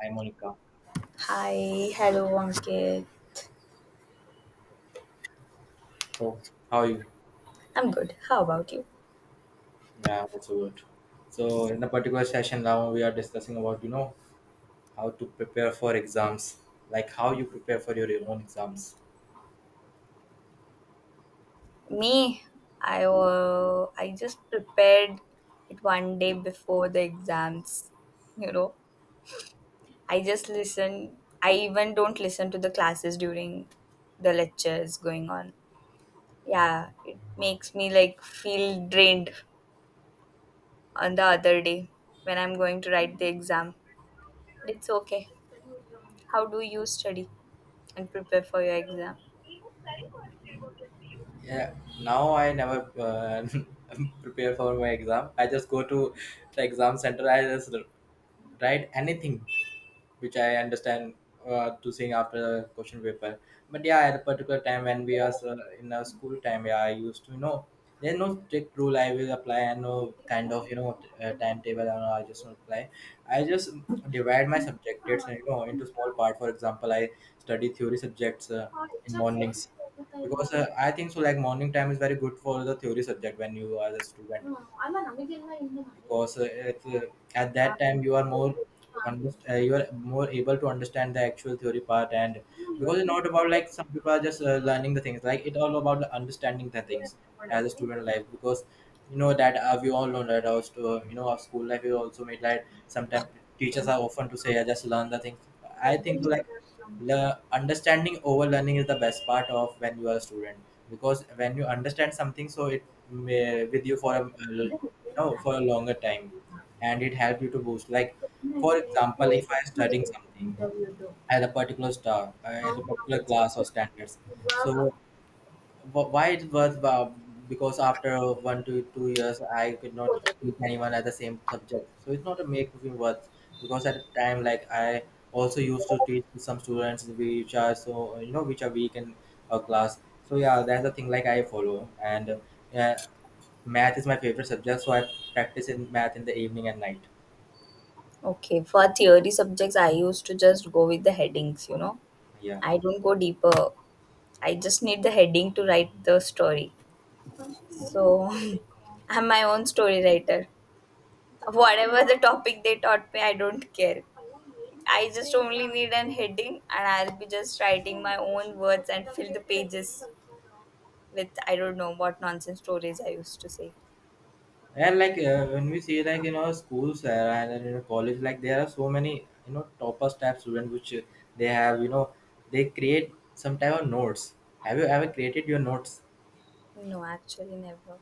Hi, Monica. Hi, hello Ankit. So, how are you? I'm good. How about you? Yeah, I'm also good. So, in a particular session now, we are discussing about how to prepare for exams, like how you prepare for your own exams. Me, I just prepared it one day before the exams. You know, I just listen. I even don't listen to the classes during the lectures going on. Yeah, it makes me like feel drained on the other day when I'm going to write the exam. It's okay. How do you study and prepare for your exam? Yeah, now I never prepare for my exam. I just go to the exam center. I just write anything which I understand to sing after a question paper. But yeah, at a particular time when we are in our school time, yeah, I used to there's no strict rule I will apply and no kind of timetable. And all, I just not apply. I just divide my subjects into small part. For example, I study theory subjects in mornings because I think so. Like morning time is very good for the theory subject when you are a student because if, at that time you are more able to understand the actual theory part, and because it's not about like some people are just learning the things, like it's all about the understanding the things as a student life because you know that we all know that our our school life is also made like sometimes teachers are often to say I just learn the things. I think like understanding over learning is the best part of when you are a student, because when you understand something so it may with you for a you longer time, and it helps you to boost, like for example if I am studying something at a particular class or standards, so why it was, because after 1 to 2 years I could not teach anyone at the same subject, so it's not a make me worth, because at the time like I also used to teach to some students which are weak in a class. So yeah, that's the thing like I follow, and yeah, math is my favorite subject so I practice in math in the evening and night. Okay, for theory subjects, I used to just go with the headings, you know. Yeah. I don't go deeper. I just need the heading to write the story. So I'm my own story writer. Whatever the topic they taught me, I don't care. I just only need an heading and I'll be just writing my own words and fill the pages with I don't know what nonsense stories I used to say. And like when we see like schools, and in our college, like there are so many topper type students which they have you know they create some type of notes. Have you ever created your notes? No, actually, never.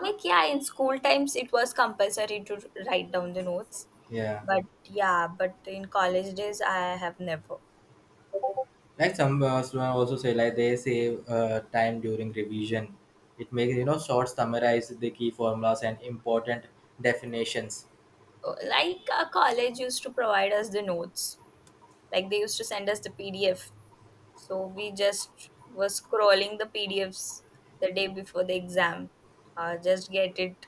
Like, yeah, in school times it was compulsory to write down the notes. Yeah, But yeah, but in college days I have never. like some students also say like they save time during revision. It makes short summarize the key formulas and important definitions. Like, our college used to provide us the notes. Like, they used to send us the PDF. So we just were scrolling the PDFs the day before the exam. Just get it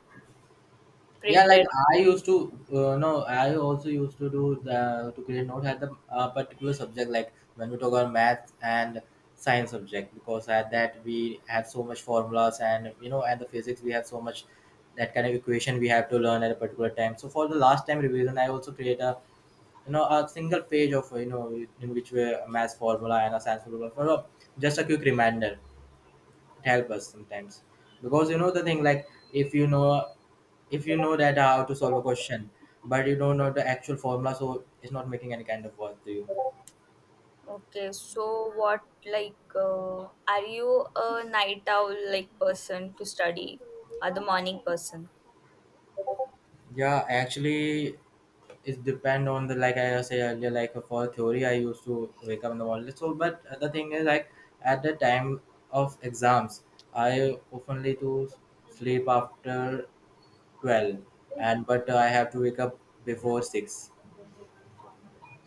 Yeah, like printed. I used to, no, I also used to do the to create note at the particular subject, like when we talk about math and science subject, because at that we have so much formulas, and at the physics we have so much that kind of equation we have to learn at a particular time. So for the last time revision, I also create a single page of in which we a math formula and a science formula just a quick reminder. It helps us sometimes because the thing like if you know if you know that how to solve a question but you don't know the actual formula, so it's not making any kind of worth to you. Okay, so what, like, are you a night owl like person to study or the morning person? Yeah, actually it depend on the, like I say earlier, like for theory I used to wake up in the morning so, but the thing is like at the time of exams I oftenly to sleep after 12 and but I have to wake up before 6.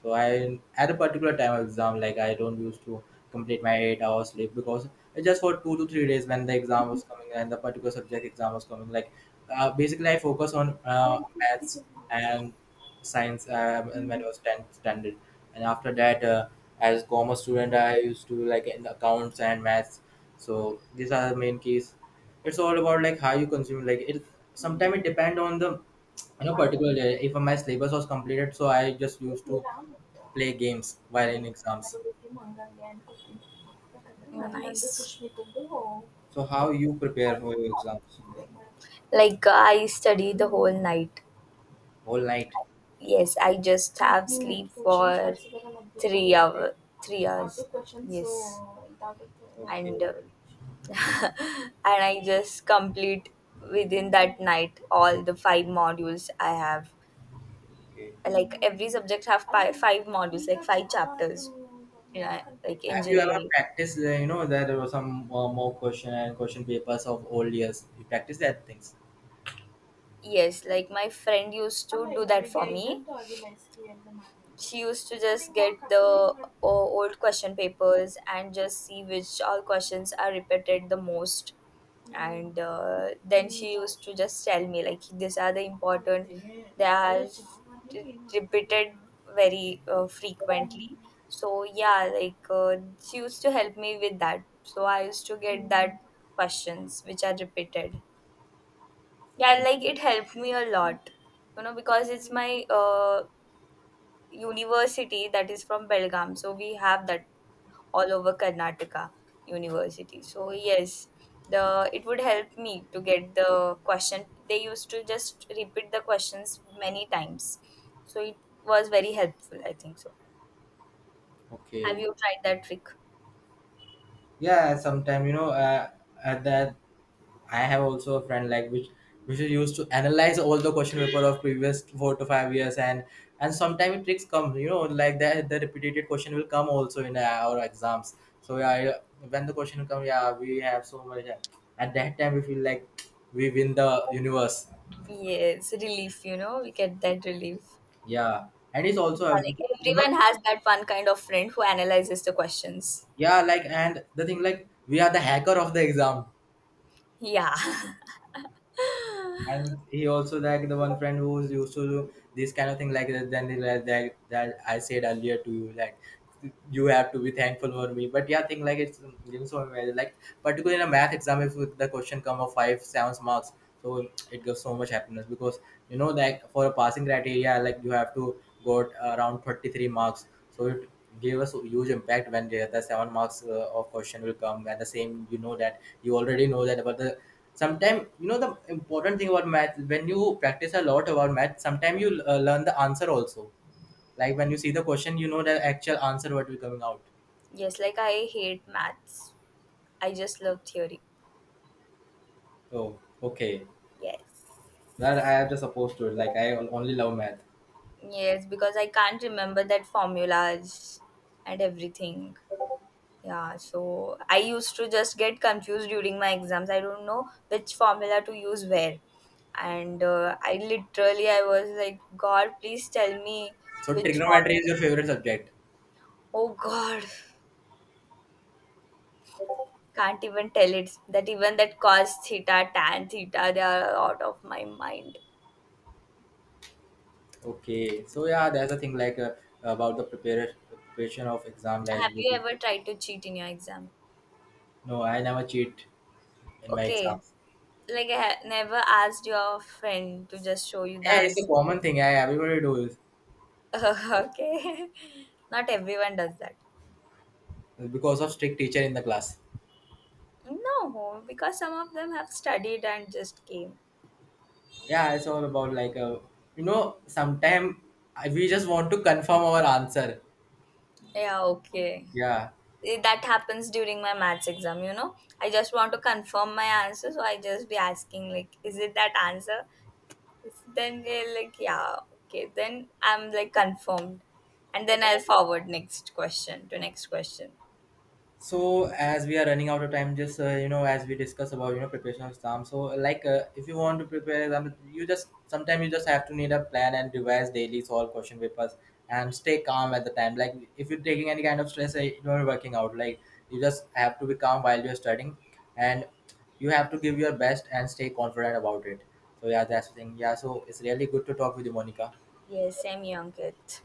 So I at a particular time of exam, like I don't used to complete my 8 hours sleep because just for 2 to 3 days when the exam was coming and the particular subject exam was coming, like basically I focus on maths and science when I was 10th standard, and after that as commerce student I used to like in accounts and maths. So these are the main keys. It's all about like how you consume. Like it sometimes it depend on the particular day. If my syllabus was completed so I just used to play games while in exams. So how you prepare for your exams? Like I study the whole night. Whole night. Yes, I just have sleep for three hour, 3 hours. Yes, Okay, and and I just complete within that night all the five modules I have. okay. Like every subject have five modules, like five chapters. You know, like Have you ever engineering. practiced? You know that there were some mock question and question papers of old years. You practice that things. Yes, like my friend used to do that for me. She used to just get the old question papers and just see which all questions are repeated the most. And then she used to just tell me, like, these are the important, they are repeated very frequently. So, yeah, she used to help me with that. So, I used to get that questions which are repeated. Yeah, O- like it helped me a lot, you know, because it's my university that is from Belgaum. So we have that all over Karnataka university. So yes, the it would help me to get the question. They used to just repeat the questions many times. So it was very helpful, I think so. Have Okay. you tried that trick? Yeah, sometime at that I have also a friend like which is used to analyze all the question paper of previous 4 to 5 years and sometimes tricks come like that the repeated question will come also in our exams, so yeah, when the question come, yeah, we have so much at that time we feel like we win the universe. Yes, relief, you know, we get that relief. Yeah, and it's Yeah, also, like you know everyone has that one kind of friend who analyzes the questions. yeah, like and the thing like we are the hacker of the exam. Yeah. And he also like the one friend who's used to do this kind of thing like that. Then he like that that I said earlier to you, like you have to be thankful for me. But yeah, thing like it's like particularly in a math exam if the question come of 5-7 marks, so it gives so much happiness because like for a passing criteria like you have to got around 33 marks. So it gave us huge impact when the seven marks of question will come, and the same you know that you already know that about the sometimes the important thing about math, when you practice a lot about math sometimes you learn the answer also, like when you see the question you know the actual answer what will coming out. Yes, like I hate maths. I just love theory. Oh, okay. Yes. That I am just opposed to it. Like I only love math. Yes, because I can't remember that formulas and everything. Yeah, so I used to just get confused during my exams. I don't know which formula to use where. And I literally I was like, God, please tell me So which trigonometry is formula. your favorite subject? Oh God, can't even tell it that even that cos theta, tan theta, they are out of my mind. Okay. So yeah, there's a thing like about the preparation of exam. Like Have you ever tried to cheat in your exam? no, I never cheat in my Okay, exams. like I never asked your friend to just show you the Yeah, it's a answer. common thing, yeah, everybody do is Okay, not everyone does that. because of strict teacher in the class. No, because some of them have studied and just came. Yeah, it's all about like sometime we just want to confirm our answer. Yeah, okay. Yeah, That happens during my maths exam, you know. I just want to confirm my answer, so I just be asking, like, is it that answer? Then they're like, yeah, okay. Then I'm like confirmed. And then I'll forward next question to next question. so as we are running out of time, just as we discuss about preparation of exam, so like if you want to prepare exam you just sometimes you just have to need a plan and revise daily, solve question papers and stay calm at the time, like if you're taking any kind of stress, you're working out, like you just have to be calm while you're studying, and you have to give your best and stay confident about it. So yeah, that's the thing. Yeah, so it's really good to talk with you, Monica. Yes, I'm Ankit.